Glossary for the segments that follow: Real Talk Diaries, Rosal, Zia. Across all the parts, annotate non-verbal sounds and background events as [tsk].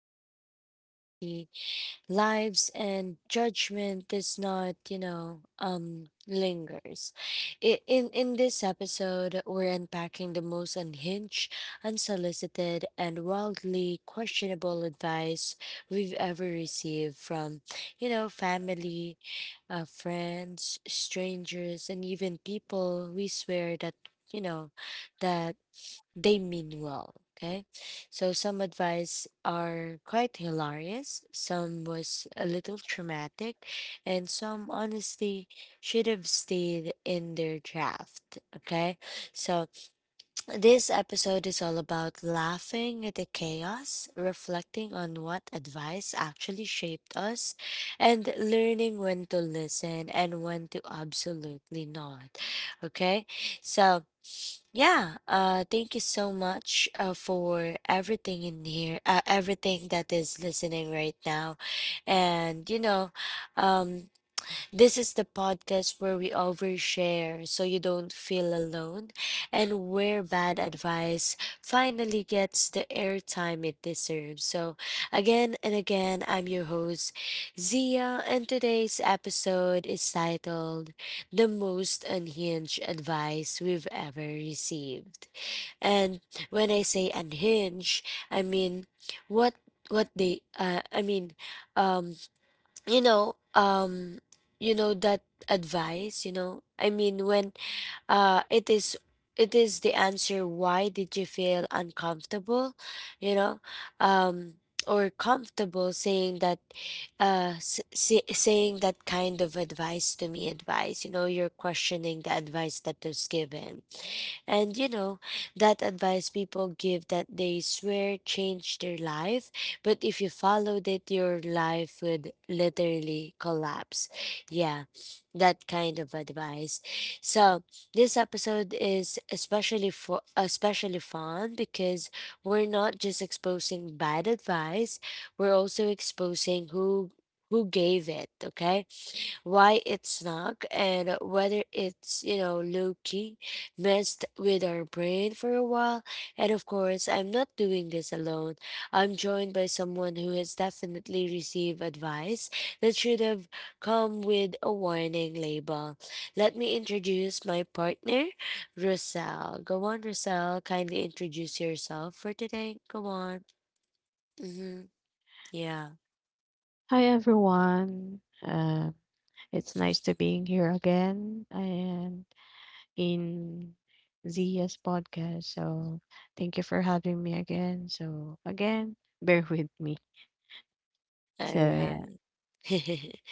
Diaries, where honesty, lives, and judgment does not, lingers. In this episode, we're unpacking the most unhinged, unsolicited, and wildly questionable advice we've ever received from, family, friends, strangers, and even people we swear that, you know, that they mean well. Okay. So some advice are quite hilarious, some was a little traumatic, and some honestly should have stayed in their draft. Okay. So this episode is all about laughing at the chaos, reflecting on what advice actually shaped us, and learning when to listen and when to absolutely not. Okay. So yeah, thank you so much for everything in here, everything that is listening right now. And, um, this is the podcast where we overshare so you don't feel alone and where bad advice finally gets the airtime it deserves. So, again and again, I'm your host, Zia, and today's episode is titled The Most Unhinged Advice We've Ever Received. And when I say unhinged, I mean what what they I mean um you know um that advice, you know I mean when uh it is it is the answer. Why did you feel uncomfortable, you know um or comfortable saying that? Saying that kind of advice to me, advice, you know, you're questioning the advice that is given. And you know, that advice people give that they swear changed their life, but if you followed it, your life would literally collapse. Yeah, that kind of advice. So this episode is especially fun because we're not just exposing bad advice, we're also exposing who gave it, okay? Why it's snuck and whether it's, you know, low key, messed with our brain for a while. And of course, I'm not doing this alone. I'm joined by someone who has definitely received advice that should have come with a warning label. Let me introduce my partner, Rosal. Go on, Rosal. Kindly introduce yourself for today. Go on. Mm-hmm. Yeah. Hi everyone. Uh, it's nice to being here again and in Zia's podcast. So thank you for having me again. So again, bear with me. All So right. [laughs]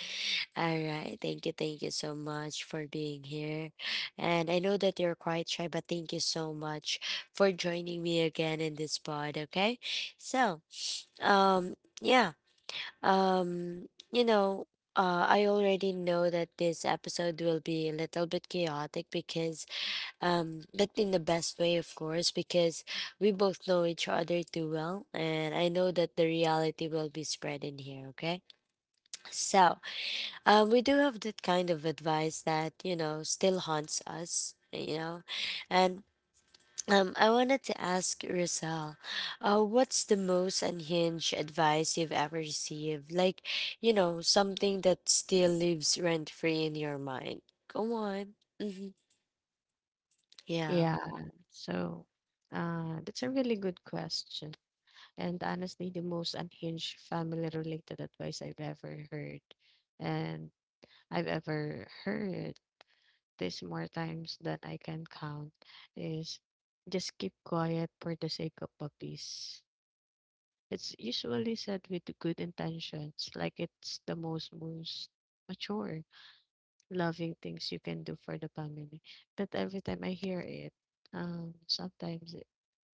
All right. Thank you. Thank you so much for being here. And I know that you're quite shy, but thank you so much for joining me again in this pod. Okay. So, um, yeah. Um, you know, I already know that this episode will be a little bit chaotic because, but in the best way, of course, because we both know each other too well. And I know that the reality will be spread in here. Okay. So, we do have that kind of advice that, you know, still haunts us, you know. And I wanted to ask Rizal, what's the most unhinged advice you've ever received? Like, you know, something that still lives rent free in your mind. Go on. Yeah. yeah. So that's a really good question, and honestly, the most unhinged family-related advice I've ever heard, and I've ever heard. this more times than I can count is just keep quiet for the sake of a peace. It's usually said with good intentions, like it's the most mature, loving things you can do for the family. But every time I hear it, sometimes it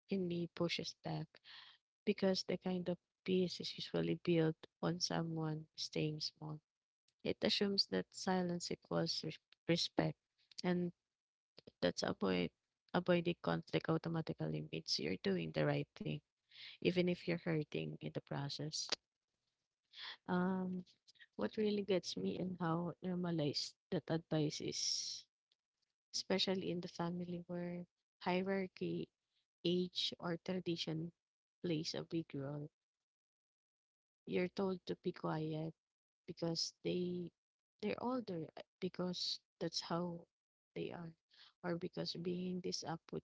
in me pushes back because the kind of peace is usually built on someone staying small. It assumes that silence equals respect and That's avoid avoiding conflict automatically means you're doing the right thing, even if you're hurting in the process. Um, what really gets me and how normalized that advice is, especially in the family where hierarchy, age, or tradition plays a big role. You're told to be quiet because they're older because that's how they are, or because being this up would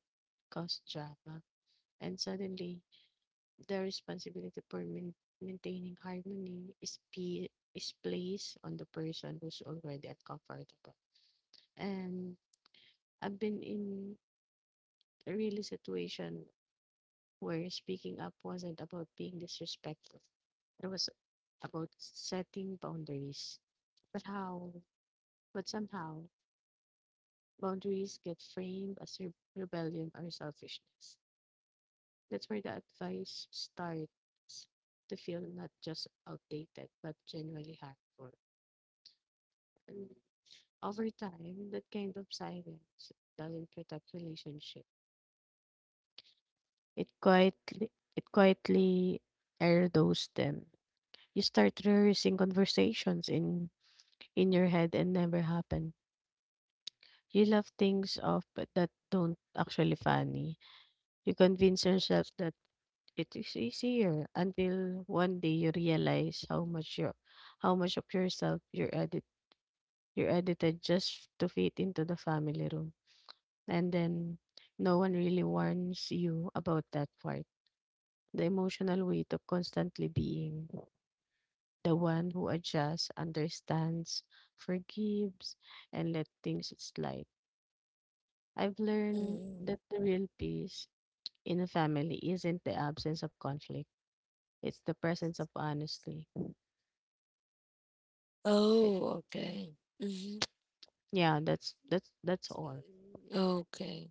cause drama. And suddenly the responsibility for maintaining harmony is, is placed on the person who's already uncomfortable. And I've been in a really situation where speaking up wasn't about being disrespectful. It was about setting boundaries. But how? But somehow, boundaries get framed as rebellion or selfishness. That's where the advice starts to feel not just outdated, but genuinely harmful. And over time, that kind of silence doesn't protect relationship. It quietly it quietly erodes them. You start rehearsing conversations in your head and never happen. You laugh things off but that don't actually funny. You convince yourself that it is easier until one day you realize how much of yourself you're edited just to fit into the family room, and then no one really warns you about that part. The emotional weight of constantly being the one who adjusts, understands, forgives, and let things slide. I've learned Mhm. that the real peace in a family isn't the absence of conflict. It's the presence of honesty. Oh, okay. Yeah, that's all. Okay.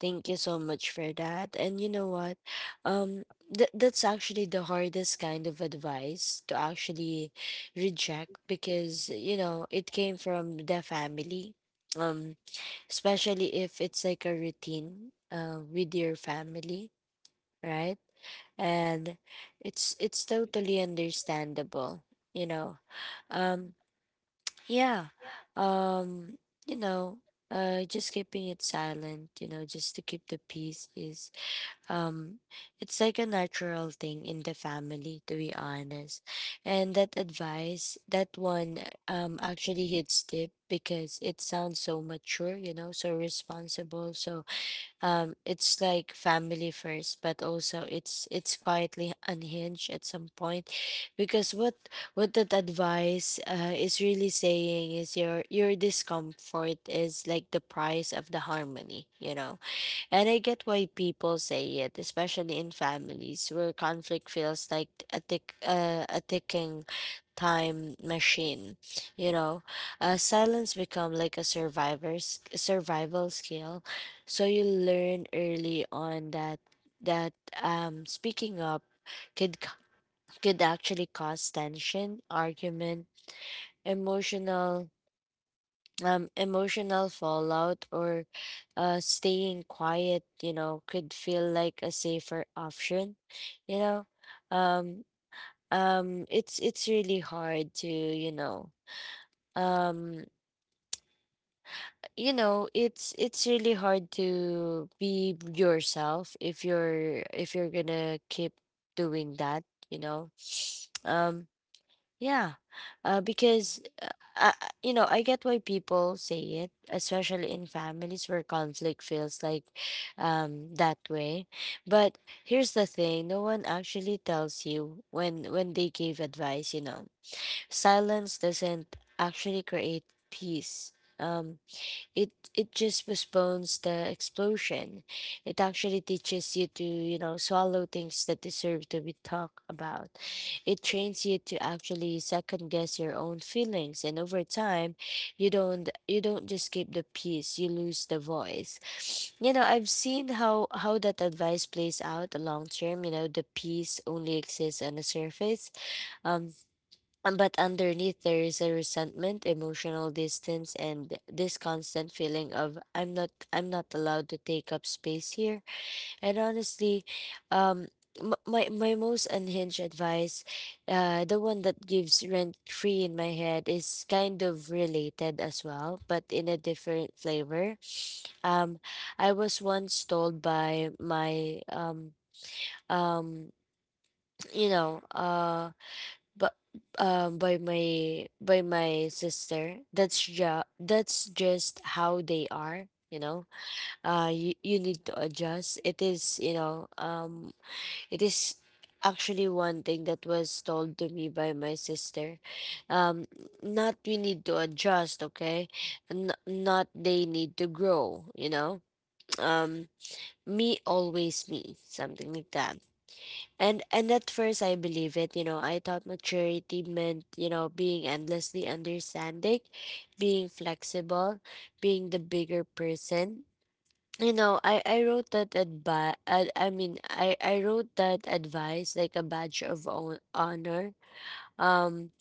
Thank you so much for that. And you know what? Um that's actually the hardest kind of advice to actually reject because you know, it came from the family. Um Especially if it's like a routine with your family, right? And it's totally understandable, you know. um. Yeah. Um, you know, just keeping it silent, you know, just to keep the peace is um it's like a natural thing in the family to be honest. And that advice, that one actually hits deep because it sounds so mature, you know, so responsible, so it's like family first, but also it's quietly unhinged at some point because what that advice is really saying is your discomfort is like the price of the harmony, you know. And I get why people say it, especially in families where conflict feels like a ticking time machine. You know, silence become like a survivor's survival skill. So you learn early on that speaking up could c- could actually cause tension, argument, emotional emotional fallout, or staying quiet, you know, could feel like a safer option, you know. Um, it's really hard to, you know, um, it's really hard to be yourself if you're gonna keep doing that, you know. [sniffs] Um, Yeah, uh, because uh, you know, I get why people say it, especially in families where conflict feels like that way. But here's the thing: no one actually tells you when they give advice. You know, silence doesn't actually create peace. Um, it it just postpones the explosion. It actually teaches you to, you know, swallow things that deserve to be talked about. It trains you to actually second guess your own feelings, and over time you don't, just keep the peace, you lose the voice. [sniffs] You know, I've seen how that advice plays out the long term, you know, the peace only exists on the surface. Um But underneath, there is a resentment, emotional distance, and this constant feeling of I'm not, I'm not allowed to take up space here. And honestly, um, my most unhinged advice, the one that gives rent free in my head, is kind of related as well, but in a different flavor. Um, I was once told by my um you know but by my sister, that's just how they are, you know. You, you need to adjust, it is, you know. It is Actually, one thing that was told to me by my sister, um not we need to adjust, okay. Not they need to grow, you know. um Me always me, something like that. And at first I believe it, you know, I thought maturity meant, you know, being endlessly understanding, being flexible, being the bigger person. You know, I wrote that advice. I wrote that advice like a badge of honor. Um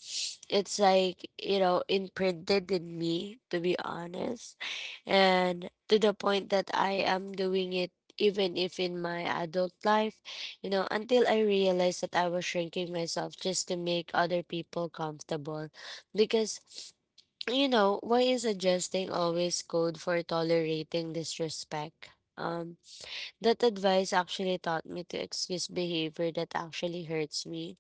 it's like, you know, imprinted in me to be honest, and to the point that I am doing it even if in my adult life, you know, until I realized that I was shrinking myself just to make other people comfortable. Because, you know, why is adjusting always code for tolerating disrespect? um that advice actually taught me to excuse behavior that actually hurts me.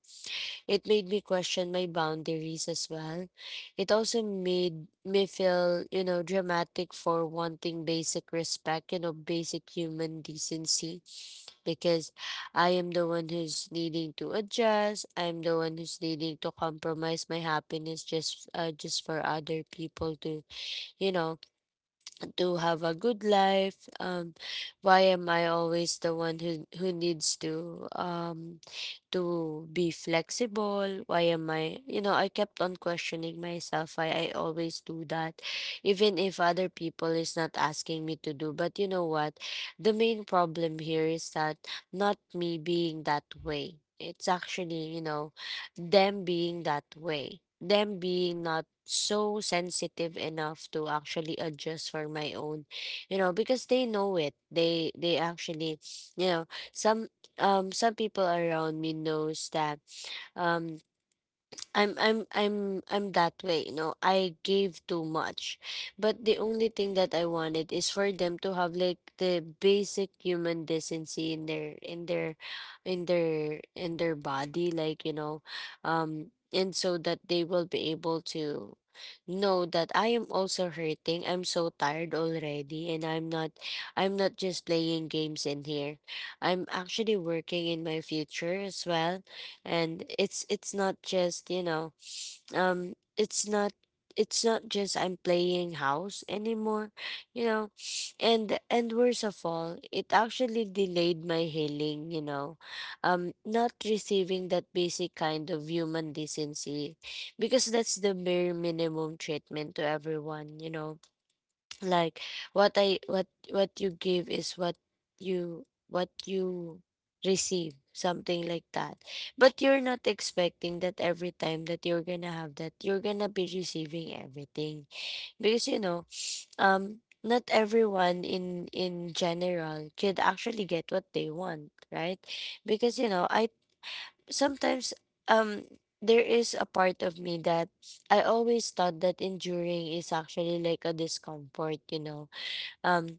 It made me question my boundaries as well. It also made me feel, you know, dramatic for wanting basic respect, you know, basic human decency, because I am the one who's needing to adjust. I'm the one who's needing to compromise my happiness just for other people to, you know, to have a good life. Why am I always the one who needs to be flexible? Why am I, you know, I kept on questioning myself why I always do that, even if other people is not asking me to do. But you know what, the main problem here is that not me being that way, it's actually, you know, them being that way, them being not so sensitive enough to actually adjust for my own, you know, because they know it. They actually, you know, some some people around me knows that um I'm that way, you know. I gave too much. But the only thing that I wanted is for them to have like the basic human decency in their, in their body, like, you know, and so that they will be able to know that I am also hurting. I'm so tired already, and I'm not, I'm not just playing games in here. I'm actually working in my future as well, and it's not just, you know, it's not, it's not just I'm playing house anymore, you know. And worst of all, it actually delayed my healing, you know. Not receiving that basic kind of human decency, because that's the bare minimum treatment to everyone, you know. Like, what you give is what you receive, something like that. But you're not expecting that every time that you're gonna have that, you're gonna be receiving everything. Because, you know, not everyone in general could actually get what they want, right? Because, you know, I sometimes, um there is a part of me that I always thought that enduring is actually like a discomfort, you know, um,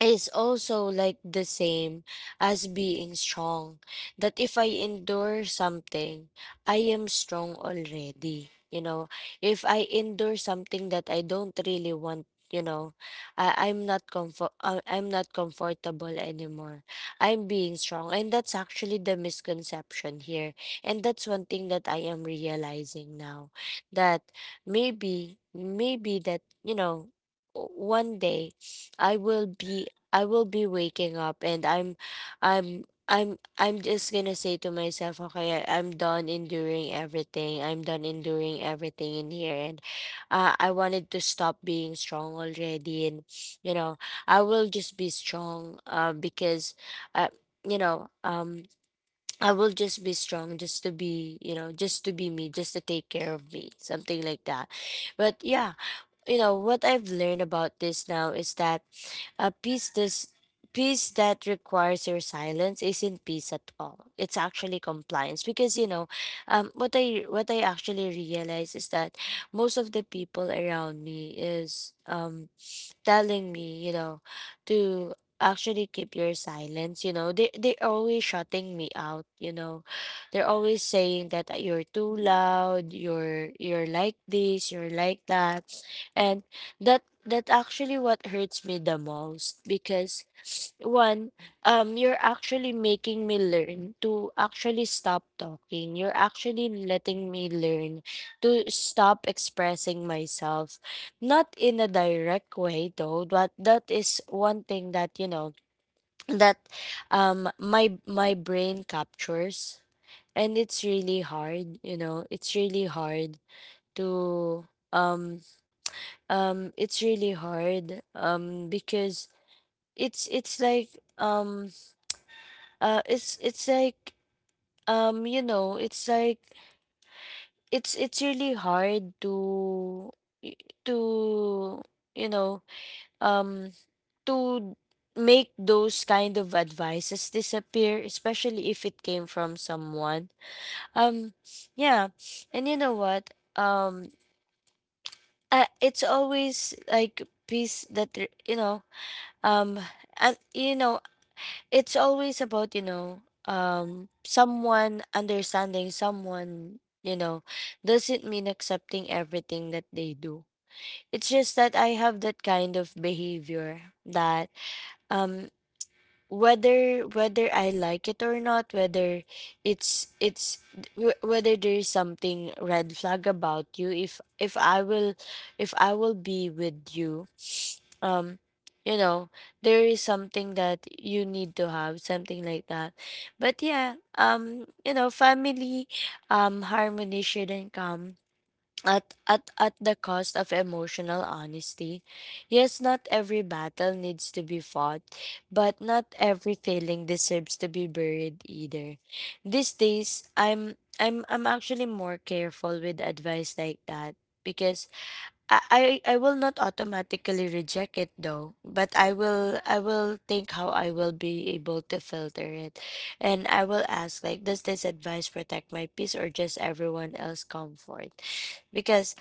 is also like the same as being strong. That if I endure something, I am strong already. You know, if I endure something that I don't really want, you know, I'm not comfortable anymore. I'm being strong, and that's actually the misconception here. And that's one thing that I am realizing now, that maybe that you know, one day I will be I will be waking up and I'm just gonna say to myself, okay, I'm done enduring everything. I'm done enduring everything in here, and I wanted to stop being strong already. And you know, I will just be strong, because, uh, you know, um, I will just be strong, just to be, you know, just to be me, just to take care of me, something like that. But yeah, you know what I've learned about this now is that a peace does peace that requires your silence isn't peace at all. It's actually compliance because you know, what I actually realize is that most of the people around me is telling me, you know, to actually keep your silence, you know. They always shutting me out, you know. They're always saying that you're too loud, you're like this, you're like that. And that actually what hurts me the most because one you're actually making me learn to actually stop talking, you're actually letting me learn to stop expressing myself, not in a direct way though, but that is one thing that, you know, [tsk] that my brain captures. And it's really hard, you know, it's really hard to um it's really hard because it's it's like um it's like you know, it's like it's really hard to to you know um to make those kind of advices disappear, especially if it came from someone. um yeah. And you know what, um it's always like peace that r- you know um and you know it's always about, you know, someone understanding someone, you know, doesn't mean accepting everything that they do. It's just that I have that kind of behavior that, um whether I like it or not, whether it's it's whether there is something red flag about you. If I will if I will be with you, um, you know, there is something that you need to have, something like that. But yeah, you know, family harmony shouldn't come at the cost of emotional honesty. Yes, not every battle needs to be fought, but not every feeling deserves to be buried either. These days, I'm actually more careful with advice like that, because I I will not automatically reject it though, but I will think how I will be able to filter it, and I will ask like, does this advice protect my peace or just everyone else comfort? Because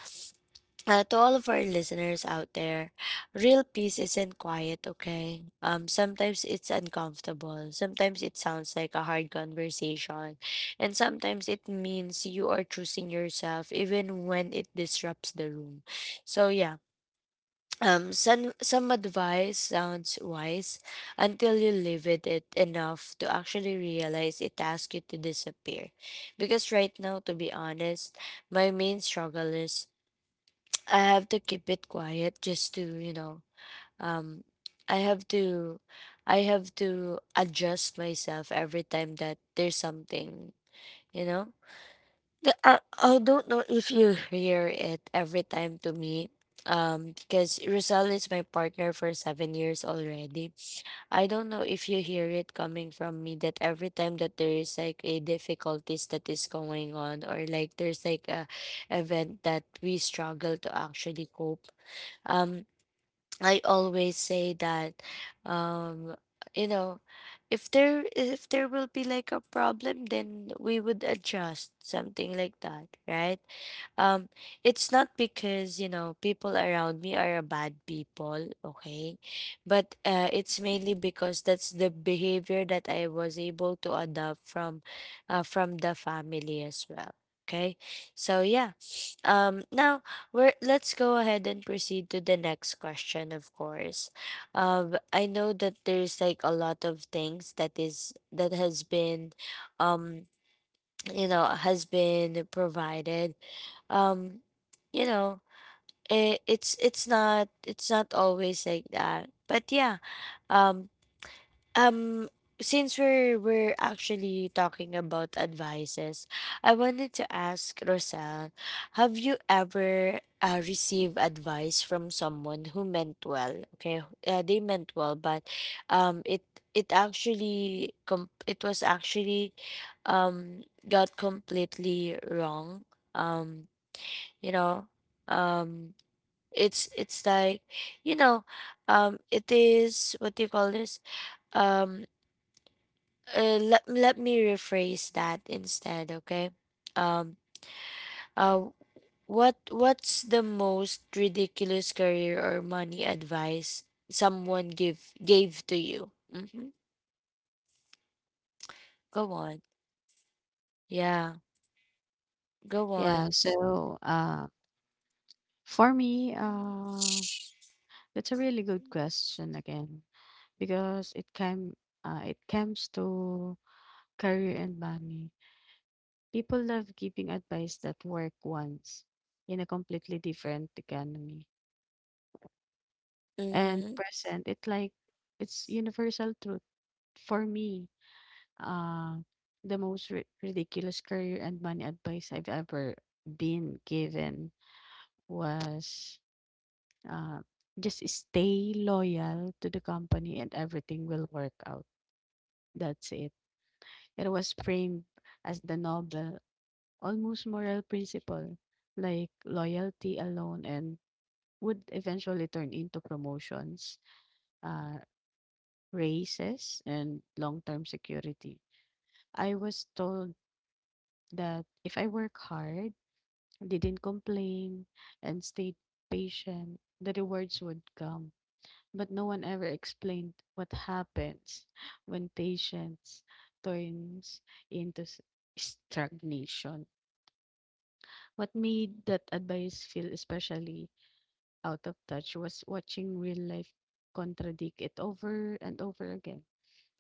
to all of our listeners out there, real peace isn't quiet, okay? Sometimes it's uncomfortable. Sometimes it sounds like a hard conversation. And sometimes it means you are choosing yourself even when it disrupts the room. So, yeah. Some advice sounds wise until you live with it enough to actually realize it asks you to disappear. Because right now, to be honest, my main struggle is I have to keep it quiet just to, you know, um I have to I have to adjust myself every time that there's something, you know. I don't know if you hear it every time to me. Because Rosal is my partner for 7 years already. I don't know if you hear it coming from me that every time that there is like a difficulties that is going on, or like there's like a event that we struggle to actually cope, um, I always say that, um, you know, if there will be like a problem, then we would adjust, something like that, right? um it's not because, you know, people around me are a bad people, okay? But it's mainly because that's the behavior that I was able to adopt from, from the family as well. Okay, so yeah. Now, let's go ahead and proceed to the next question, of course. I know that there's like a lot of things that is that has been, um, you know, has been provided. Um, you know, it, it's not always like that, but yeah, um, um, since we're actually talking about advices, I wanted to ask Rosal, have you ever received advice from someone who meant well? Okay, they meant well, but it it was actually um got completely wrong. Um, you know, um, it's like, you know, it is what do you call this? Um Let me rephrase that instead, okay? Um, uh, what what's the most ridiculous career or money advice someone give gave to you? Mm-hmm. Go on. Yeah, go on. Yeah, so for me, that's a really good question again. Because it comes to career and money. People love giving advice that work once in a completely different economy and Mm-hmm. present. It like it's universal truth for me. Uh, the most ridiculous career and money advice I've ever been given was uh, just stay loyal to the company and everything will work out. That's it. It was framed as the noble. Almost moral principle, like loyalty alone and would eventually turn into promotions, uh, raises, and long-term security. I was told that if I work hard, didn't complain, and stayed patient, the rewards would come. But no one ever explained what happens when patience turns into stagnation. What made that advice feel especially out of touch was watching real life contradict it over and over again.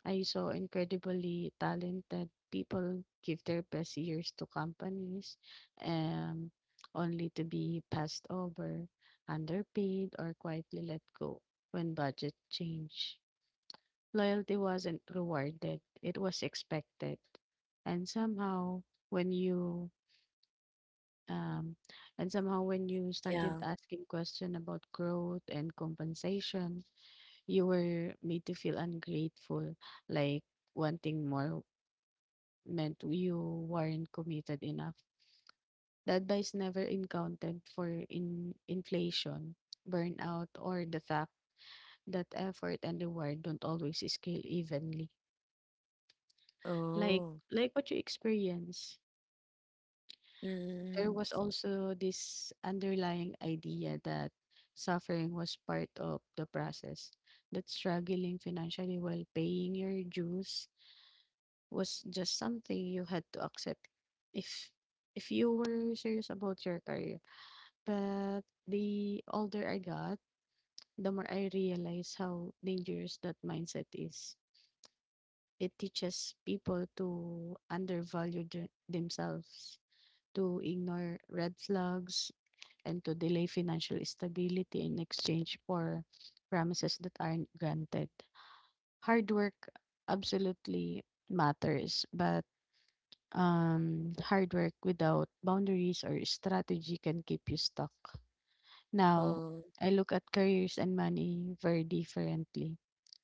I saw incredibly talented people give their best years to companies um, only to be passed over, underpaid, or quietly let go when budget changed. Loyalty wasn't rewarded, it was expected. And somehow, when you Um, and somehow when you started Yeah. asking question about growth and compensation, you were made to feel ungrateful, like wanting more meant you weren't committed enough. The advice never encountered for in inflation, burnout, or the fact that effort and reward don't always scale evenly. Like Oh. like what you experience. There Mm-hmm. was also this underlying idea that suffering was part of the process, that struggling financially while paying your dues was just something you had to accept if if you were serious about your career. But the older I got, the more I realized how dangerous that mindset is. It teaches people to undervalue themselves, to ignore red flags, and to delay financial stability in exchange for promises that aren't granted. Hard work absolutely matters, but hard work without boundaries or strategy can keep you stuck. Now, Oh. I look at careers and money very differently.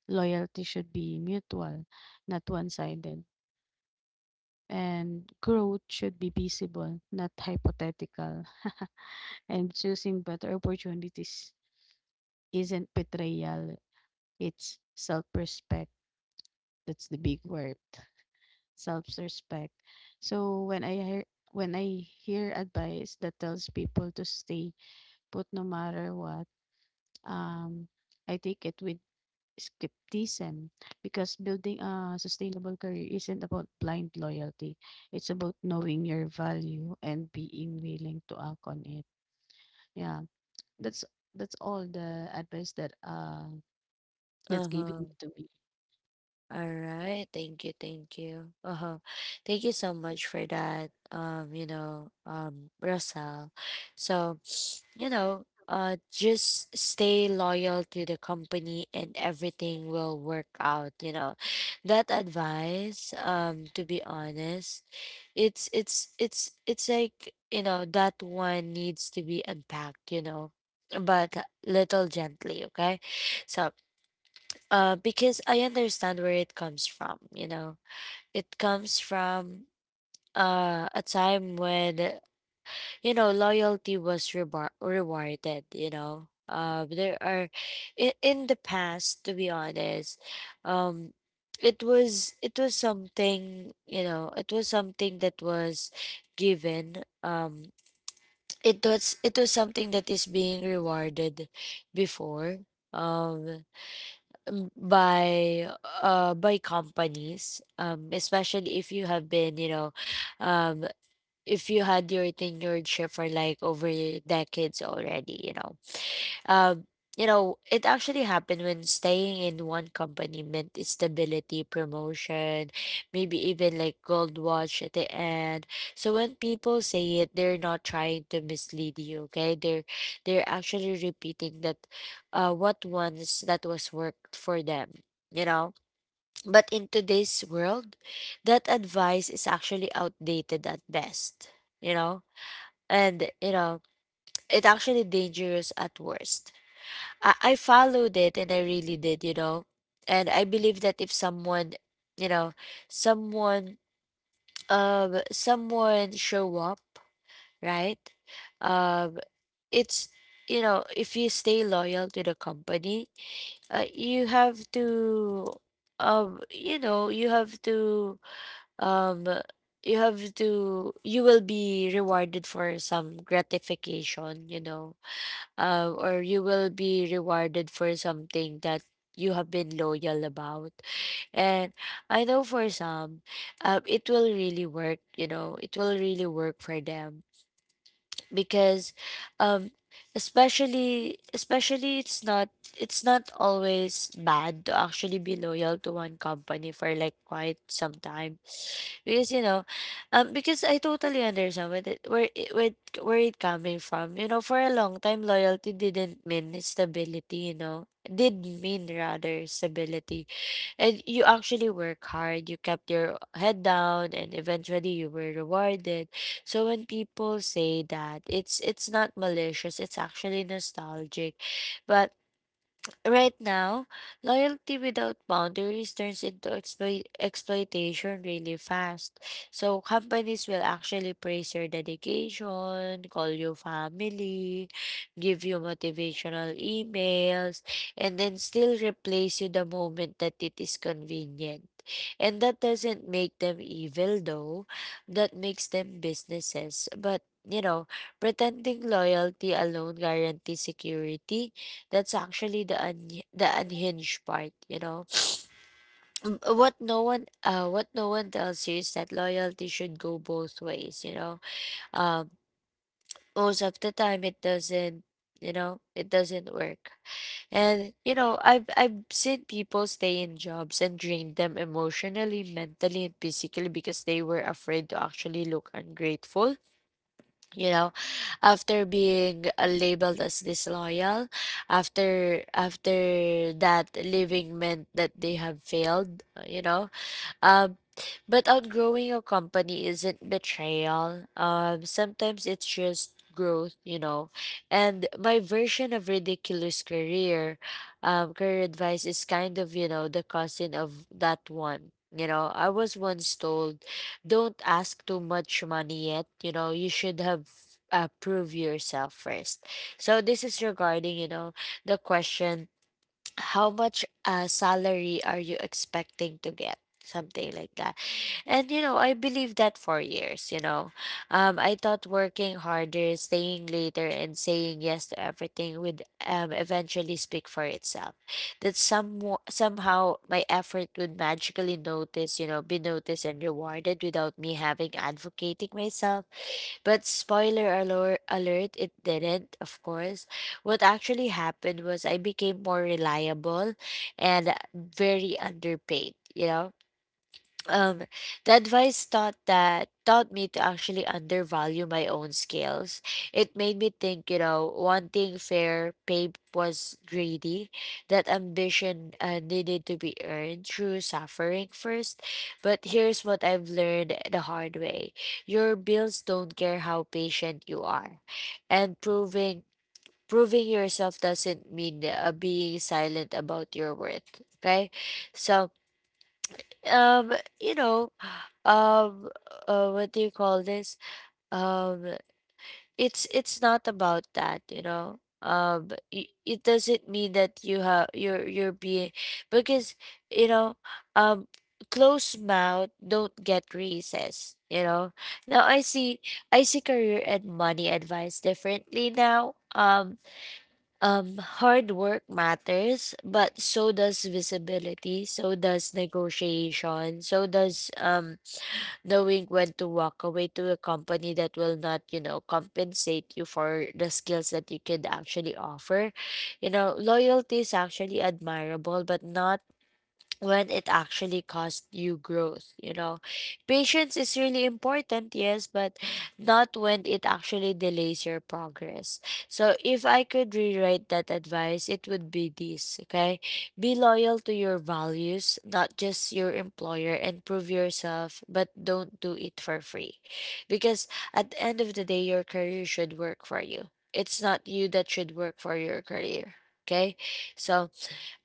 Loyalty should be mutual, not one sided. And growth should be visible, not hypothetical. And choosing better opportunities isn't betrayal, it's self-respect. That's the big word. Self-respect. So when I hear advice that tells people to stay put no matter what, um, I take it with skepticism because building a sustainable career isn't about blind loyalty. It's about knowing your value and being willing to act on it. Yeah, that's that's all the advice that that's Uh huh. given to me. All Yeah. right. Thank you. Thank you. Uh-huh. Thank you so much for that. You know, Russell. So, you know, just stay loyal to the company and everything will work out, you know. That advice, to be honest, it's like, you know, that one needs to be unpacked, you know, but little gently, okay? So because I understand where it comes from. You know, it comes from a time when, you know, loyalty was rebar rewarded. You know, there are in the past, to be honest, um, it was something, you know, it was something that was given. It was something that is being rewarded before. Um, um, by by companies, especially if you have been, you know, um if you had your tenured ship for like over decades already, you know. um, you know, it actually happened when staying in one company meant stability, promotion, maybe even like gold watch at the end. So when people say it, they're not trying to mislead you, okay? They're actually repeating that what once that was worked for them, you know? But in today's world, that advice is actually outdated at best, you know? And you know, it's actually dangerous at worst. I followed it and I really did, you know. And I believe that if someone, you know, someone someone show up, right? Um it's, you know, if you stay loyal to the company, you have to um you know, you have to um you have to, you will be rewarded for some gratification, you know, or you will be rewarded for something that you have been loyal about. And I know for some, it will really work, you know, it will really work for them because um especially, it's not always bad to actually be loyal to one company for like quite some time, because you know, because I totally understand with it where where it coming from. You know, for a long time loyalty didn't mean stability, you know, did mean rather stability, and you actually work hard, you kept your head down, and eventually you were rewarded. So when people say that, it's not malicious, it's actually nostalgic. But right now, loyalty without boundaries turns into exploitation really fast. So, companies will actually praise your dedication, call you family, give you motivational emails, and then still replace you the moment that it is convenient. And that doesn't make them evil, though, that makes them businesses. But you know, pretending loyalty alone guarantees security, that's actually the the unhinged part, you know. Mm, what no one what no one tells you is that loyalty should go both ways, you know. Um most of the time it doesn't, you know, it doesn't work. And you know, I've seen people stay in jobs and drain them emotionally, mentally, and physically because they were afraid to actually look ungrateful, you know, after being labeled as disloyal, after that, leaving meant that they have failed, you know. um, but outgrowing your company isn't betrayal. Sometimes it's just growth, you know. And my version of ridiculous career, career advice is kind of, you know, the cousin of that one. You know, I was once told, don't ask too much money yet. You know, you should have prove yourself first. So this is regarding, you know, the question, how much salary are you expecting to get, something like that. And you know, I believed that for years, you know. I thought working harder, staying later, and saying yes to everything would eventually speak for itself, that some, somehow my effort would magically notice, you know, be noticed and rewarded without me having advocating myself. But spoiler alert, it didn't, of course. What actually happened was I became more reliable and very underpaid, you know? Um, the advice taught me to actually undervalue my own skills. It made me think, wanting fair pay was greedy, that ambition needed to be earned through suffering first. But here's what I've learned the hard way: your bills don't care how patient you are, and proving yourself doesn't mean being silent about your worth. Okay, so um you know um what do you call this? um it's not about that, it doesn't mean that you're being, because you know um closed mouth don't get raises, you know? Now I see I see career and money advice differently now. Hard work matters, but so does visibility, so does negotiation, so does, knowing when to walk away to a company that will not, you know, compensate you for the skills that you could actually offer. You know, loyalty is actually admirable, but not when it actually costs you growth, you know? Patience is really important, yes, but not when it actually delays your progress. So if I could rewrite that advice, it would be this. Okay, be loyal to your values, not just your employer, and prove yourself but don't do it for free, because at the end of the day your career should work for you. It's not you that should work for your career. Okay, so,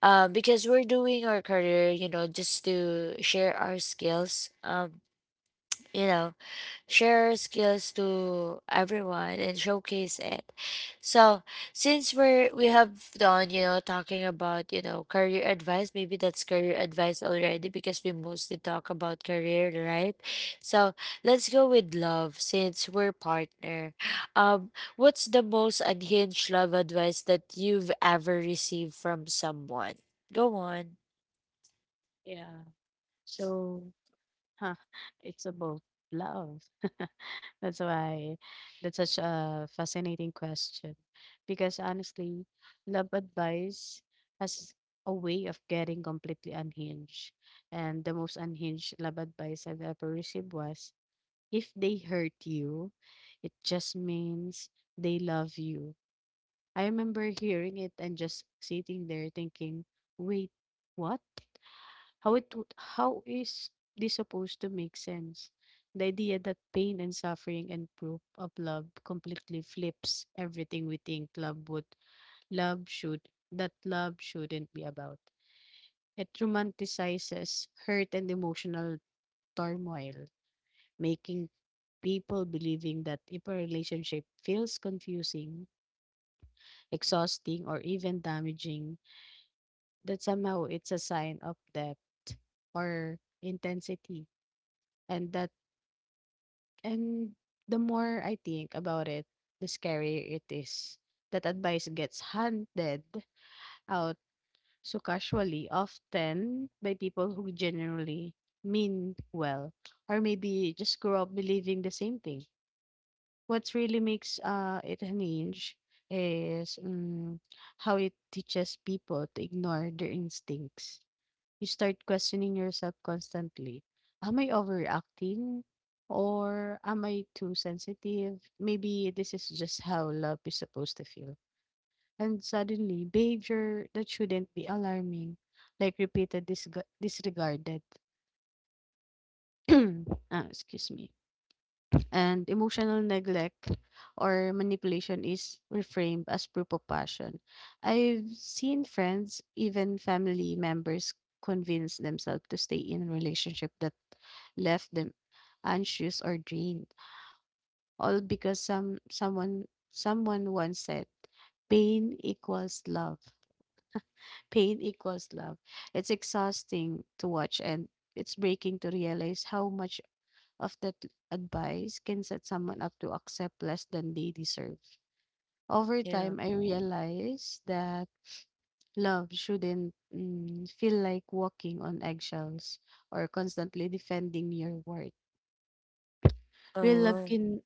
because we're doing our career, you know, just to share our skills. You know, Share skills to everyone and showcase it. So since we have done, you know, talking about, you know, career advice, maybe that's career advice already because we mostly talk about career, right? So let's go with love since we're partner. Um, what's the most unhinged love advice that you've ever received from someone? Go on. Yeah. So Huh, it's about love. [laughs] That's why that's such a fascinating question. Because honestly, love advice has a way of getting completely unhinged. And the most unhinged love advice I've ever received was if they hurt you, it just means they love you. I remember hearing it and just sitting there thinking, wait, what? How it would how is this supposed to make sense? The idea that pain and suffering and proof of love completely flips everything we think love should that love shouldn't be about. It romanticizes hurt and emotional turmoil, making people believing that if a relationship feels confusing, exhausting, or even damaging, that somehow it's a sign of depth or intensity and that And the more I think about it, the scarier it is. That advice gets handed out so casually, often by people who generally mean well, or maybe just grew up believing the same thing. What really makes it hinge is how it teaches people to ignore their instincts. You start questioning yourself constantly. Am I overacting? Or am I too sensitive? Maybe this is just how love is supposed to feel. And suddenly, behavior that shouldn't be alarming, like repeated disregarded, [clears throat] ah, excuse me, and emotional neglect or manipulation is reframed as proof of passion. I've seen friends, even family members, convince themselves to stay in a relationship that left them anxious or drained, all because someone once said, "Pain equals love. Pain equals love." It's exhausting to watch, and it's breaking to realize how much of that advice can set someone up to accept less than they deserve. Over Yeah. time, I realized that love shouldn't feel like walking on eggshells or constantly defending your worth. Real love Oh, can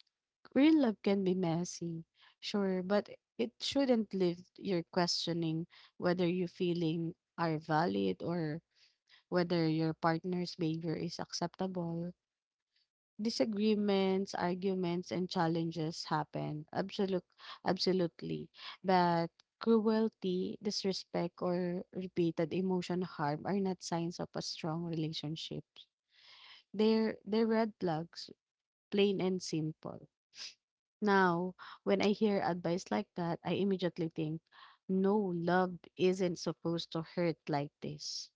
Real love can be messy, sure, but it shouldn't leave you questioning whether your feeling are valid or whether your partner's behavior is acceptable. Disagreements, arguments, and challenges happen. Absolutely. But cruelty, disrespect, or repeated emotion harm are not signs of a strong relationship. They're red flags, plain and simple. Now, when I hear advice like that, I immediately think, no, love isn't supposed to hurt like this.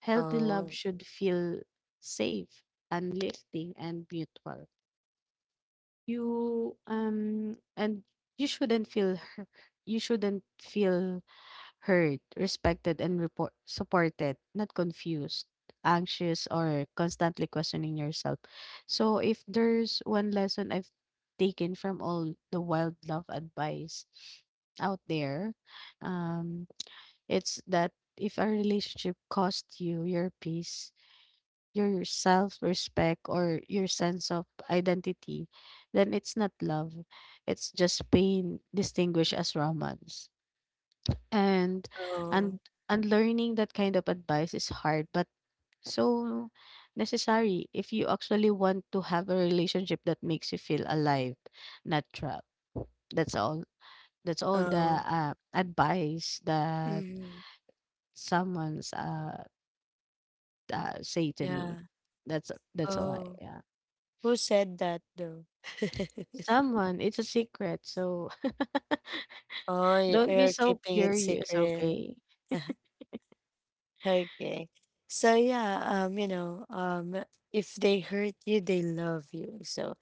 Healthy love oh, should feel safe, uplifting, and mutual. You and you shouldn't feel hurt. You shouldn't feel hurt, respected and report supported, not confused, anxious or constantly questioning yourself. So if there's one lesson I've taken from all the wild love advice out there, um it's that if a relationship cost you your peace, your self-respect or your sense of identity, then it's not love. It's just pain distinguished as romance. And oh, and unlearning that kind of advice is hard, but so necessary if you actually want to have a relationship that makes you feel alive, not trapped. That's all. That's all the oh. Advice that Mm-hmm. someone's say to Yeah. me. That's why. Oh, who said that though? [laughs] Someone, it's a secret, so [laughs] Oh, y- don't be you're so keeping it curious, secret. okay? [laughs] Okay. So yeah, if they hurt you, they love you. So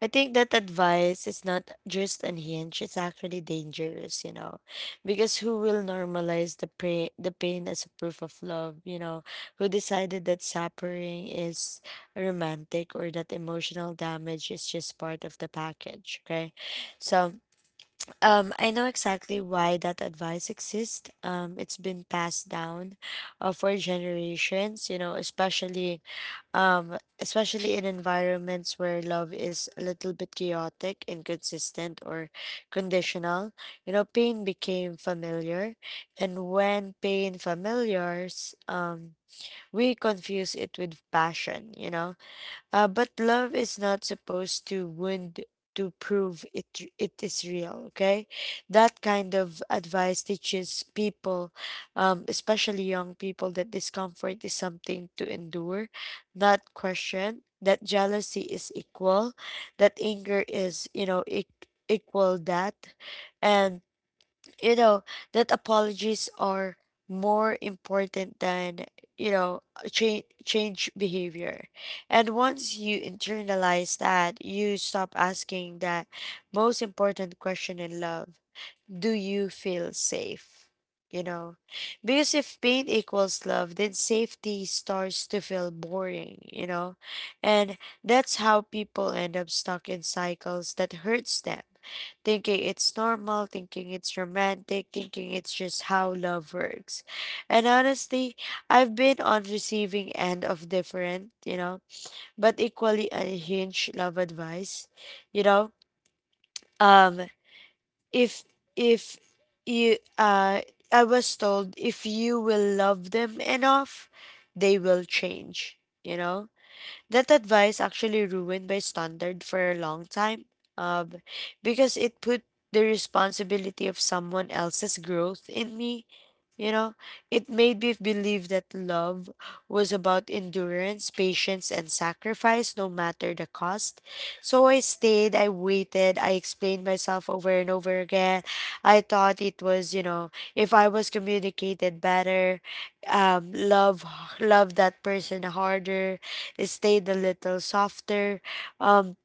I think that advice is not just unhinged, it's actually dangerous, you know, because who will normalize the pain as a proof of love, you know, who decided that suffering is romantic or that emotional damage is just part of the package? Okay, so, I know exactly why that advice exists. It's been passed down for generations, you know, especially, especially in environments where love is a little bit chaotic, inconsistent, or conditional. You know, pain became familiar, and when pain familiars, we confuse it with passion. You know, but love is not supposed to wound to prove it it is real. Okay, that kind of advice teaches people, especially young people, that discomfort is something to endure, not question. That jealousy is equal, that anger is, equal that, and you know, that apologies are more important than, you know, change behavior. And once you internalize that, you stop asking that most important question in love: do you feel safe? You know, because if pain equals love, then safety starts to feel boring, you know. And that's how people end up stuck in cycles that hurts them, thinking it's normal, thinking it's romantic, thinking it's just how love works. And honestly, I've been on receiving end of different, you know, but equally unhinged love advice, you know. Um if if you I was told if you will love them enough, they will change, you know. That advice actually ruined my standard for a long time, um, because it put the responsibility of someone else's growth in me. You know, it made me believe that love was about endurance, patience, and sacrifice, no matter the cost. So I stayed, I waited, I explained myself over and over again. I thought it was, you know, if I was communicated better, um, love love that person harder, stayed a little softer, um,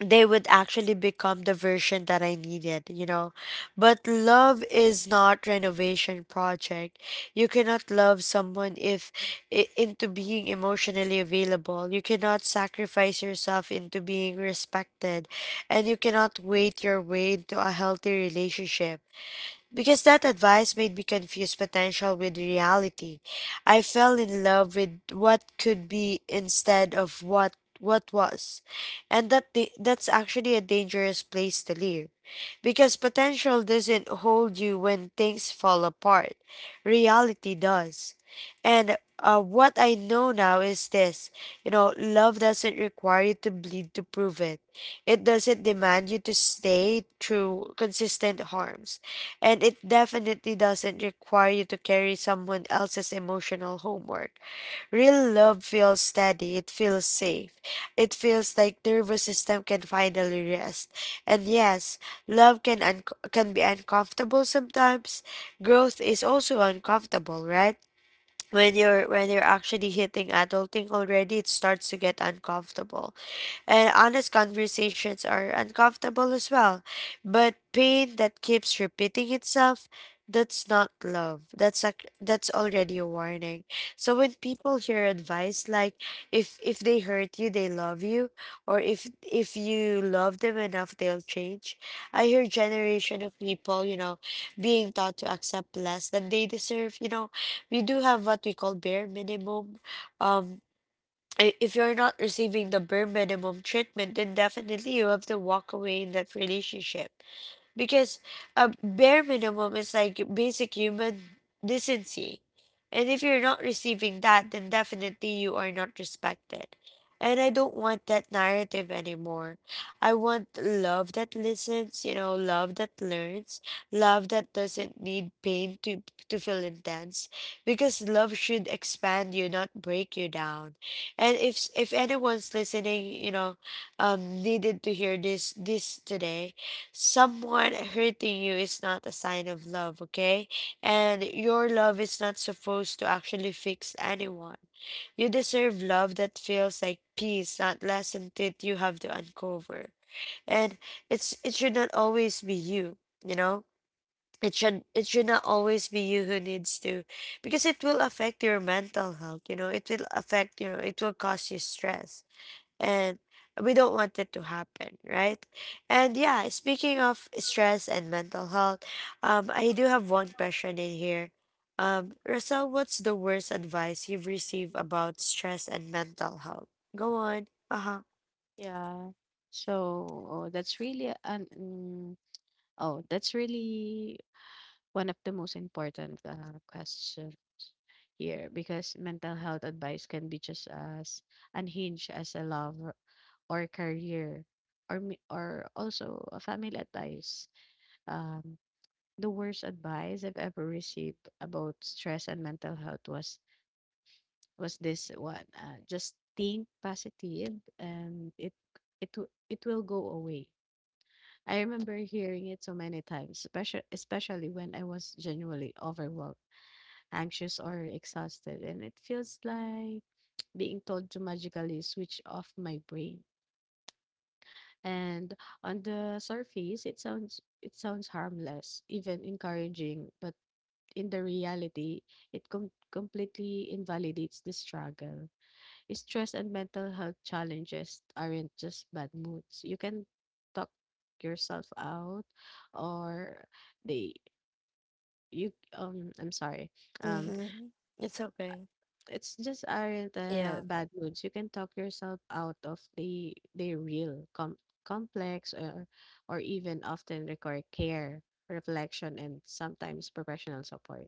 they would actually become the version that I needed, you know. But love is not renovation project. You cannot love someone if I- into being emotionally available. You cannot sacrifice yourself into being respected, and you cannot wait your way into a healthy relationship, because that advice made me confuse potential with reality. I fell in love with what could be instead of what was. And that's actually a dangerous place to live. Because potential doesn't hold you when things fall apart. Reality does. And what I know now is this: you know, love doesn't require you to bleed to prove it, it doesn't demand you to stay through consistent harms. And it definitely doesn't require you to carry someone else's emotional homework. Real love feels steady, it feels safe. It feels like nervous system can finally rest. And yes, love can un- can be uncomfortable sometimes. Growth is also uncomfortable, right? When you're actually hitting adulting already, it starts to get uncomfortable, and honest conversations are uncomfortable as well. But pain that keeps repeating itself, that's not love. That's already a warning. So when people hear advice like, if they hurt you, they love you, or if you love them enough, they'll change, I hear generation of people, you know, being taught to accept less than they deserve. You know, we do have what we call bare minimum. Um, I- if you're not receiving the bare minimum treatment, then definitely you have to walk away in that relationship, because a bare minimum is like basic human decency. And if you're not receiving that, then definitely you are not respected. And I don't want that narrative anymore. I want love that listens, you know, love that learns, love that doesn't need pain to feel intense. Because love should expand you, not break you down. And if anyone's listening, you know, needed to hear this this today, someone hurting you is not a sign of love, okay? And your love is not supposed to actually fix anyone. You deserve love that feels like peace, not lesson that you have to uncover. And it's it should not always be you, you know? It should not always be you who needs to, because it will affect your mental health, you know, it will affect, you know, it will cause you stress. And we don't want it to happen, right? And yeah, speaking of stress and mental health, I do have one question in here. Russell, what's the worst advice you've received about stress and mental health? Go on. Uh huh. Yeah. So, oh, that's really an oh, that's really one of the most important questions here because mental health advice can be just as unhinged as a love or career or also a family advice. Um, the worst advice I've ever received about stress and mental health was this one. Just think positive and it will go away. I remember hearing it so many times, especially when I was genuinely overwhelmed, anxious or exhausted, and it feels like being told to magically switch off my brain. And on the surface, it sounds harmless, even encouraging, but in the reality, it completely invalidates the struggle. Stress and mental health challenges aren't just bad moods. You can talk yourself out or they you I'm sorry. Um Mm-hmm. It's okay. it's just aren't Yeah, bad moods. You can talk yourself out of the real complex or even often require care, reflection and sometimes professional support.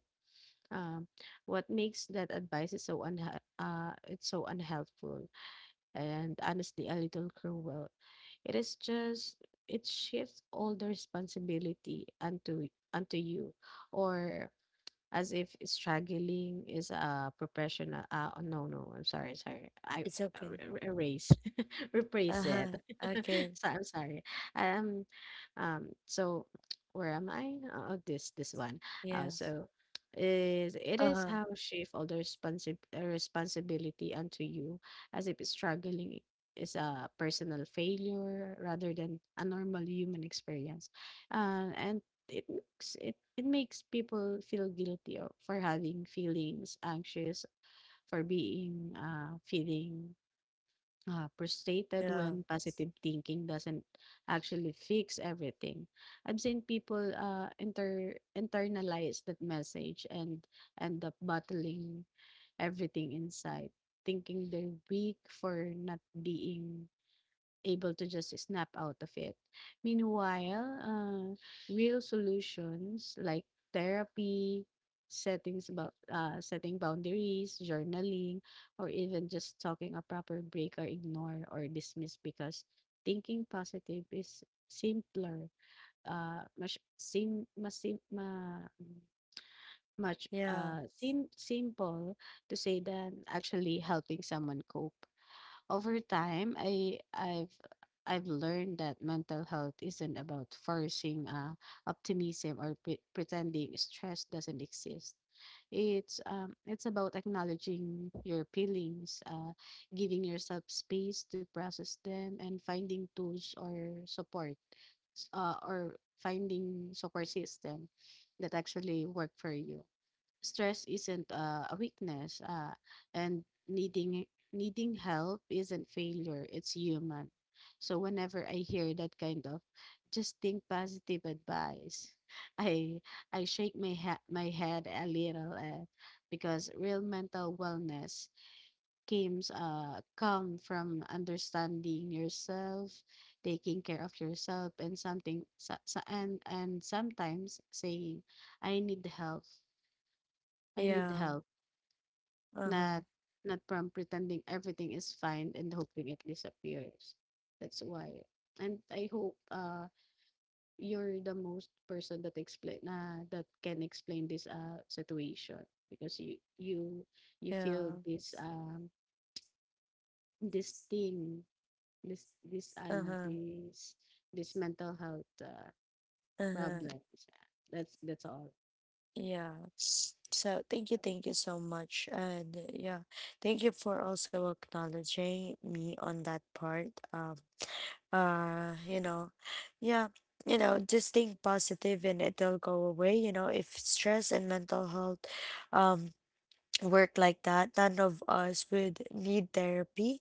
Um, what makes that advice is so it's so unhelpful and honestly a little cruel. It is just it shifts all the responsibility unto you, or as if struggling is a professional uh oh, no no I'm sorry sorry I it's okay. Erase [laughs] Uh replace it huh. [laughs] Okay. so I'm sorry um so [tsk] where am I oh this this one Yes. so is it Uh is huh. how shift all the responsibility unto you, as if struggling is a personal failure rather than a normal human experience. And it makes it it makes people feel guilty for having feelings anxious, for being feeling frustrated Yeah. when positive thinking doesn't actually fix everything. I've seen people internalize that message and end up bottling everything inside, thinking they're weak for not being able to just snap out of it. Meanwhile, real solutions like therapy, setting boundaries, journaling, or even just talking a proper break are ignored or dismissed because thinking positive is simpler, much sim, mas sim, ma, much Yeah. Sim simple to say than actually helping someone cope. Over time, I've learned that mental health isn't about forcing optimism or pretending stress doesn't exist. It's about acknowledging your feelings, giving yourself space to process them, and finding tools or support, or finding support system that actually work for you. Stress isn't a weakness, and needing help isn't failure, it's human. So whenever I hear that kind of just think positive advice, [laughs] i I shake my head a little, because real mental wellness come from understanding yourself, taking care of yourself, and something so, so, and sometimes saying I need help, I need Yeah. help. Uh huh. Not not from pretending everything is fine and hoping it disappears. That's why. And I hope you're the most person that explain that can explain this situation, because you feel Yeah. this this thing, Uh huh. this this mental health Uh huh. problems. That's all. Yeah. S- So thank you so much. And yeah, thank you for also acknowledging me on that part. You know, yeah, you know, just think positive and it'll go away, you know, if stress and mental health um work like that, none of us would need therapy,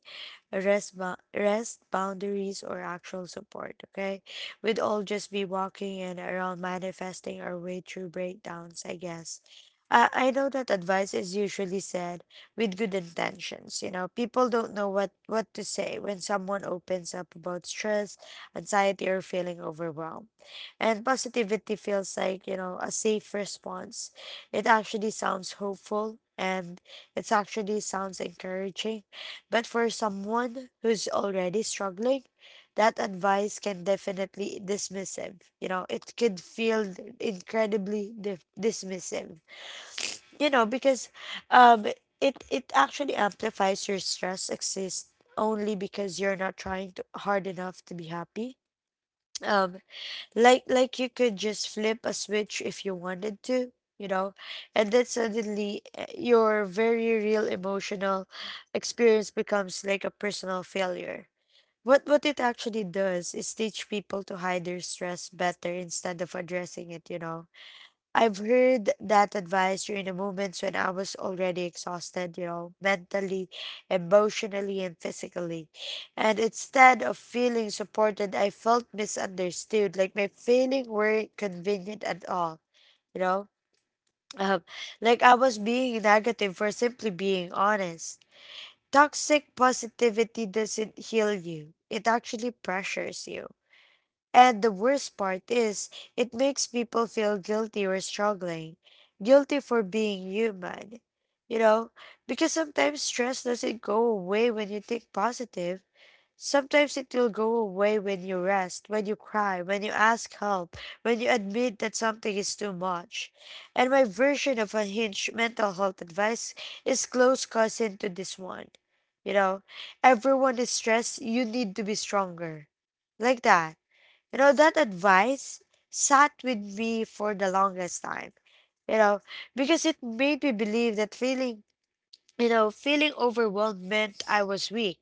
rest, rest boundaries, or actual support. Okay, we'd all just be walking and around manifesting our way through breakdowns, I guess. I know that advice is usually said with good intentions. You know, people don't know what to say when someone opens up about stress, anxiety, or feeling overwhelmed. And positivity feels like, you know, a safe response. It actually sounds hopeful and it actually sounds encouraging. But for someone who's already struggling, that advice can definitely dismissive. You know, it could feel incredibly dismissive. You know, because, um, it actually amplifies your stress exists only because you're not trying to, hard enough to be happy. Um like you could just flip a switch if you wanted to, you know. And then suddenly, your very real emotional experience becomes like a personal failure. What it actually does is teach people to hide their stress better instead of addressing it, you know. I've heard that advice during the moments when I was already exhausted, you know, mentally, emotionally, and physically. And instead of feeling supported, I felt misunderstood, like my feelings weren't convenient at all, you know? Um, like I was being negative for simply being honest. Toxic positivity doesn't heal you, it actually pressures you. And the worst part is, it makes people feel guilty or struggling, guilty for being human. You know, because sometimes stress doesn't go away when you think positive. Sometimes it will go away when you rest, when you cry, when you ask help, when you admit that something is too much. And my version of unhinged mental health advice is close cousin to this one. You know, everyone is stressed, you need to be stronger. Like that, you know, that advice sat with me for the longest time, you know, because it made me believe that failing, you know, feeling overwhelmed meant I was weak,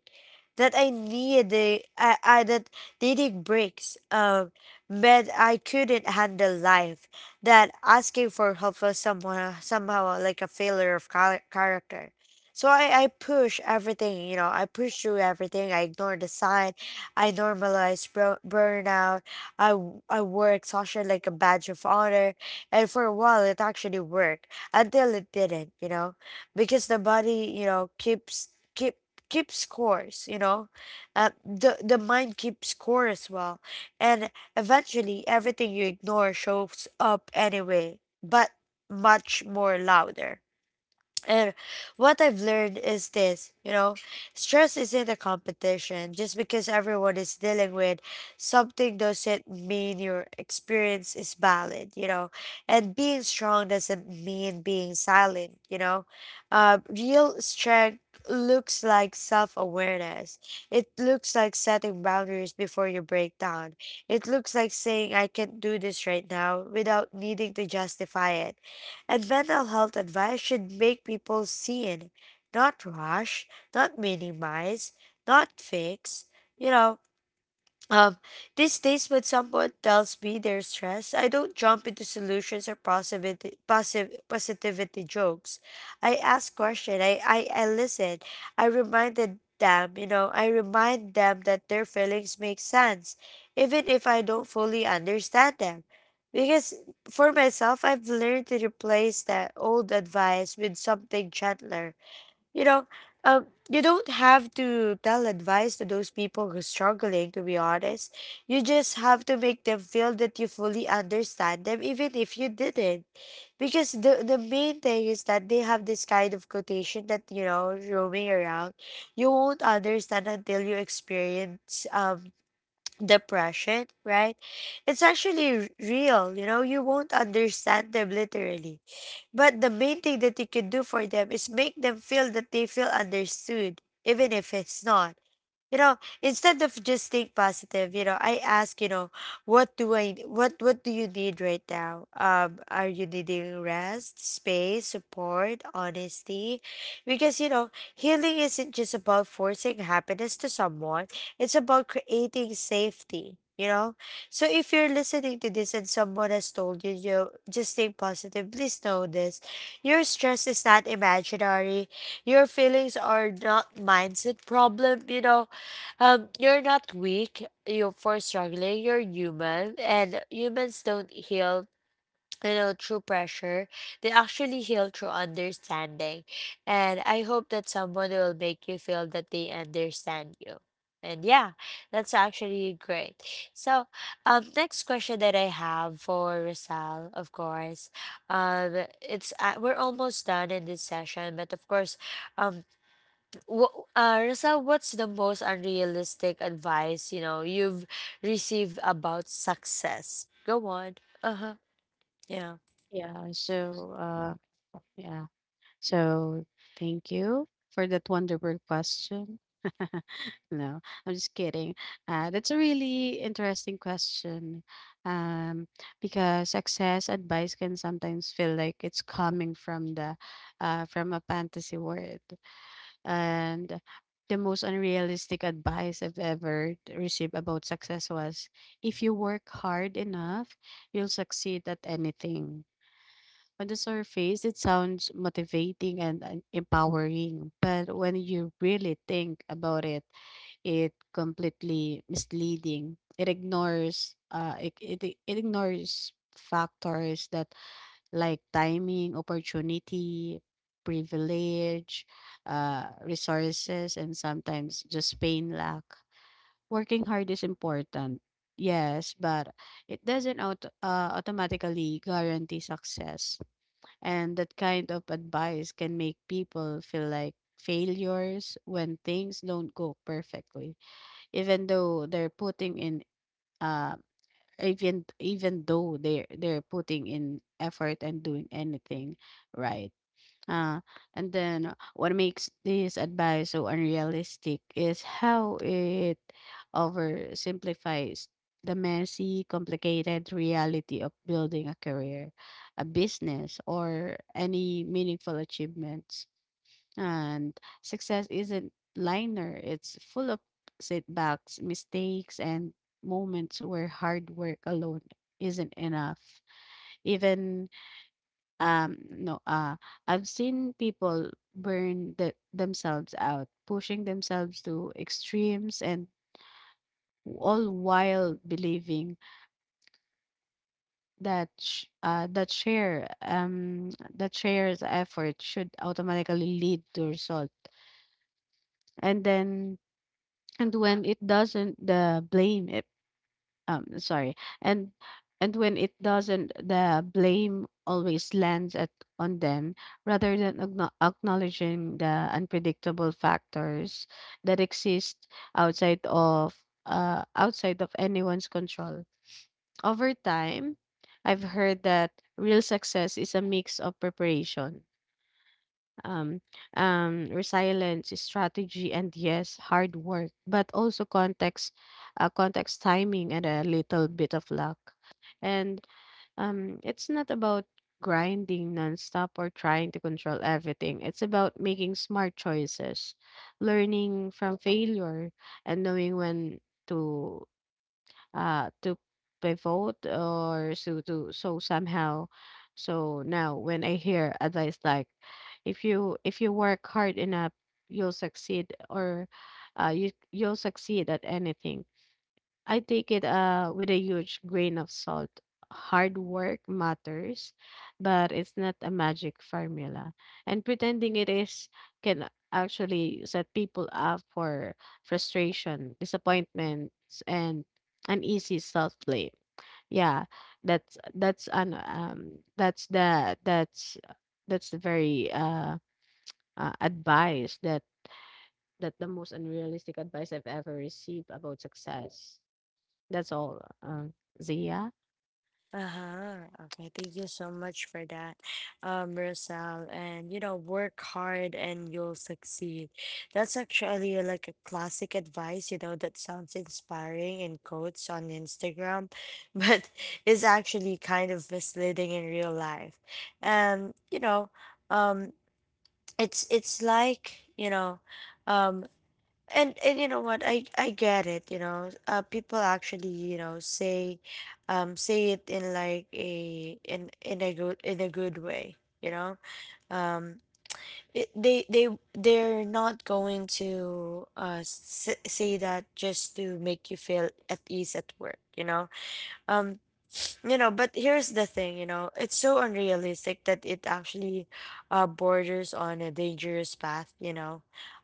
that I needed, I that needing breaks meant I couldn't handle life, that asking for help was somehow like a failure of character. So I push everything, you know, I push through everything. I ignore the sign. I normalize burnout. I wore exhaustion like a badge of honor. And for a while, it actually worked until it didn't, you know, because the body, you know, keep keeps scores, you know. The mind keeps score as well, and eventually everything you ignore shows up anyway, but much more louder. And what I've learned is this, you know, stress isn't a competition. Just because everyone is dealing with something doesn't mean your experience is valid, you know. And being strong doesn't mean being silent, you know. Real strength looks like self awareness, it looks like setting boundaries before you break down. It looks like saying, I can't do this right now without needing to justify it, and mental health advice should make people see it, not rush, not minimize, not fix. You know, um, these days, when someone tells me they're stressed, I don't jump into solutions or positivity jokes. I ask questions. I listen. I remind them that their feelings make sense, even if I don't fully understand them. Because for myself, I've learned to replace that old advice with something gentler, you know, you don't have to tell advice to those people who're struggling, to be honest. You just have to make them feel that you fully understand them, even if you didn't. Because the main thing is that they have this kind of quotation that, you know, roaming around. You won't understand until you experience [tsk] depression, right? It's actually real, you know, you won't understand them literally, but the main thing that you can do for them is make them feel that they feel understood, even if it's not, you know. Instead of just staying positive, you know, I ask, you know, what do I what do you need right now? Are you needing rest, space, support, honesty? Because, you know, healing isn't just about forcing happiness to someone, it's about creating safety, you know. So if you're listening to this and someone has told you, you know, just stay positive, please know this: your stress is not imaginary, your feelings are not mindset problem, you're not weak. You're for struggling. You're human, and humans don't heal. You know, through pressure, they actually heal through understanding. And I hope that someone will make you feel that they understand you. And yeah, that's actually great. So, next question that I have for Rosal, of course, it's we're almost done in this session, but of course, um, Rasa, what's the most unrealistic advice, you know, you've received about success? Go on. Uh huh. Yeah. Yeah, so yeah. So thank you for that wonderful question. [laughs] No, I'm just kidding. That's a really interesting question, um, because success advice can sometimes feel like it's coming from the from a fantasy world. And the most unrealistic advice I've ever received about success was if you work hard enough, you'll succeed at anything. On the surface, it sounds motivating and empowering, but when you really think about it, it completely misleading. It ignores it ignores factors that like timing, opportunity, privilege, resources, and sometimes just pain lack. Working hard is important, yes, but it doesn't automatically guarantee success. And that kind of advice can make people feel like failures when things don't go perfectly, even though they're putting in uh even though they're putting in effort and doing anything right. uh, and then what makes this advice so unrealistic is how it oversimplifies the messy, complicated reality of building a career, a business, or any meaningful achievements. And success isn't linear, it's full of setbacks, mistakes, and moments where hard work alone isn't enough. Even no, I've seen people themselves out, pushing themselves to extremes, and all while believing that share that share's effort should automatically lead to result. And then and when it doesn't, the blame sorry and and when it doesn't the blame always lands at on them, rather than acknowledging the unpredictable factors that exist outside of, outside of anyone's control. Over time, I've heard that real success is a mix of preparation, um, resilience, strategy, and yes, hard work, but also context, context timing, and a little bit of luck. And it's not about grinding nonstop or trying to control everything. It's about making smart choices, learning from failure, and knowing when to, uh, to pivot or so to so somehow. So now when I hear advice like, if you work hard enough, you'll succeed, or you you'll succeed at anything, I take it with a huge grain of salt. Hard work matters, but it's not a magic formula. And pretending it is can actually set people up for frustration, disappointments, and uneasy self blame. Yeah, that's that's an um that's the that's that's the very advice that that the most unrealistic advice I've ever received about success. That's all, Zia. Uh-huh. Okay, thank you so much for that, Rosal. And you know, work hard and you'll succeed. That's actually like a classic advice, you know, that sounds inspiring in quotes on Instagram, [laughs] but is actually kind of misleading in real life. And um it's like, you know, um and you know what, I get it, you know. Uh, people actually, you know, say it in like a in a good way, you know. Um, it, they're not going to say that just to make you feel at ease at work, you know. Um, you know, but here's the thing, you know, it's so unrealistic that it actually borders on a dangerous path, you know.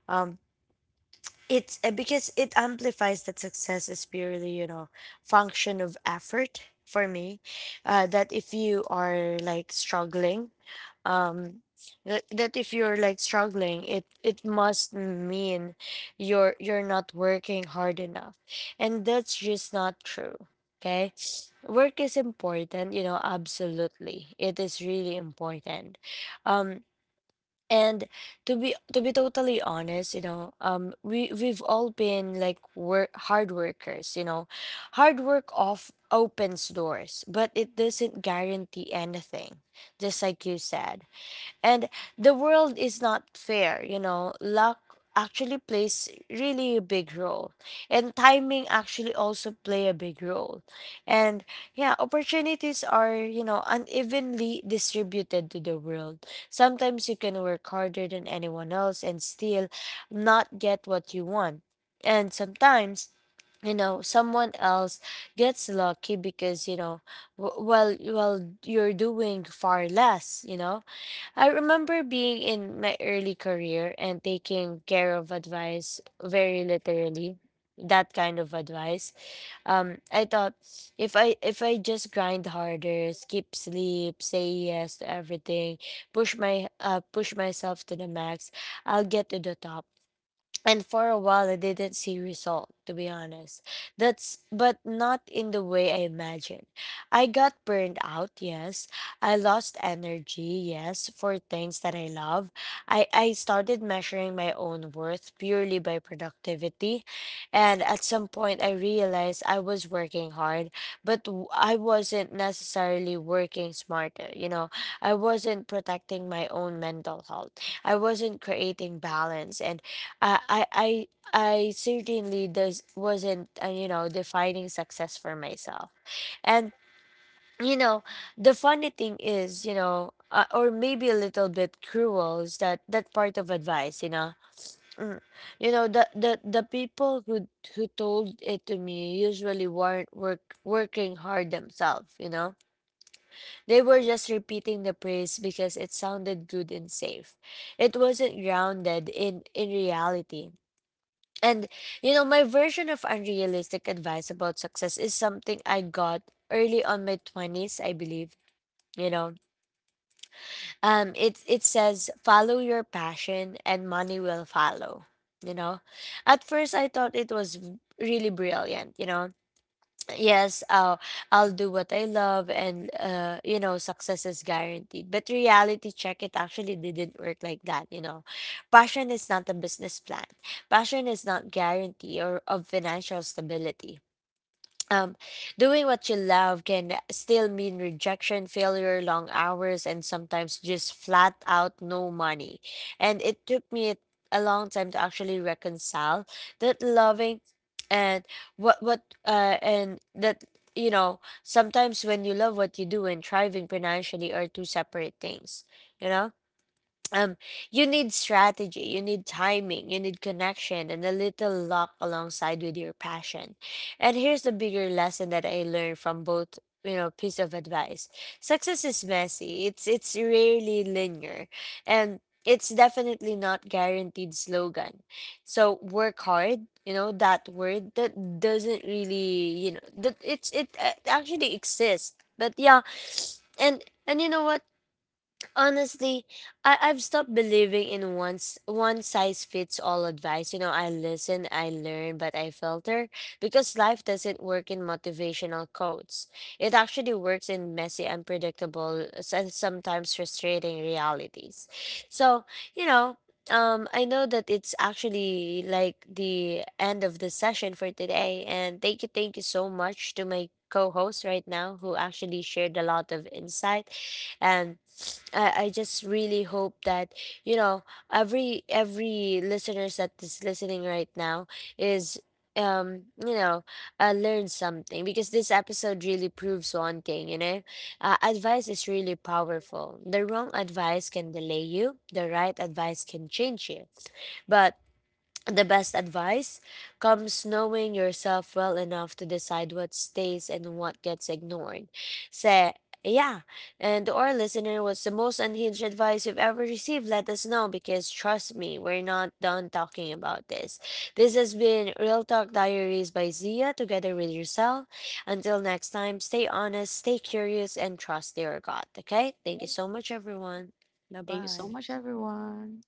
Um, it's Because it amplifies that success is purely, you know, function of effort for me. That if you are like struggling, um that if you're like struggling, it must mean you're not working hard enough, and that's just not true. Okay. Work is important, you know, absolutely it is really important. Um, and to be totally honest, you know, we've all been like work hard workers, you know. Hard work off opens doors, but it doesn't guarantee anything, just like you said. And the world is not fair, you know. Luck actually plays really a big role. And timing actually also play a big role. And yeah, opportunities are, you know, unevenly distributed to the world. Sometimes you can work harder than anyone else and still not get what you want. And sometimes, you know, someone else gets lucky because, you know, well, you're doing far less, you know. I remember being in my early career and taking care of advice very literally. That kind of advice. I thought if I just grind harder, skip sleep, say yes to everything, push my push myself to the max, I'll get to the top. And for a while, I didn't see result, to be honest, that's but not in the way I imagined. I got burned out, yes. I lost energy, yes, for things that I love. I started measuring my own worth purely by productivity, and at some point I realized I was working hard, but I wasn't necessarily working smarter, you know. I wasn't protecting my own mental health, I wasn't creating balance, and I I I I certainly does wasn't, you know, defining success for myself. And you know, the funny thing is, you know, or maybe a little bit cruel, is that that part of advice, you know. Mm. You know, the people who told it to me usually weren't working hard themselves, you know. They were just repeating the praise because it sounded good and safe. It wasn't grounded in reality. And, you know, my version of unrealistic advice about success is something I got early on my 20s, I believe, you know. It says follow your passion and money will follow, you know. At first I thought it was really brilliant, you know. Yes, I'll do what I love and, uh, you know, success is guaranteed. But reality check, it actually didn't work like that, you know. Passion is not a business plan, passion is not guarantee or of financial stability. Um, doing what you love can still mean rejection, failure, long hours, and sometimes just flat out no money. And it took me a long time to actually reconcile that loving and what and that, you know, sometimes when you love what you do and thriving financially are two separate things, you know. Um, you need strategy, you need timing, you need connection and a little luck alongside with your passion. And here's the bigger lesson that I learned from both, you know, piece of advice: success is messy, it's rarely linear, and it's definitely not guaranteed slogan. So work hard, you know, that word that doesn't really, you know, that it's it actually exists, but yeah. And you know what, honestly, I've stopped believing in once one size fits all advice. You know, I listen, I learn, but I filter because life doesn't work in motivational quotes. It actually works in messy, unpredictable, and sometimes frustrating realities. So, you know, I know that it's actually like the end of the session for today, and thank you so much to my co-host right now who actually shared a lot of insight. And I just really hope that, you know, every listeners that is listening right now is, um you know learn something, because this episode really proves one thing, you know. Advice is really powerful. The wrong advice can delay you, the right advice can change you. But the best advice comes knowing yourself well enough to decide what stays and what gets ignored. Say, yeah. And to our listener, what's the most unhinged advice you've ever received? Let us know, because trust me, we're not done talking about this. This has been Real Talk Diaries by Zia together with yourself. Until next time, stay honest, stay curious, and trust your gut. Okay? Thank you so much, everyone. Bye Thank you so much, bye. everyone.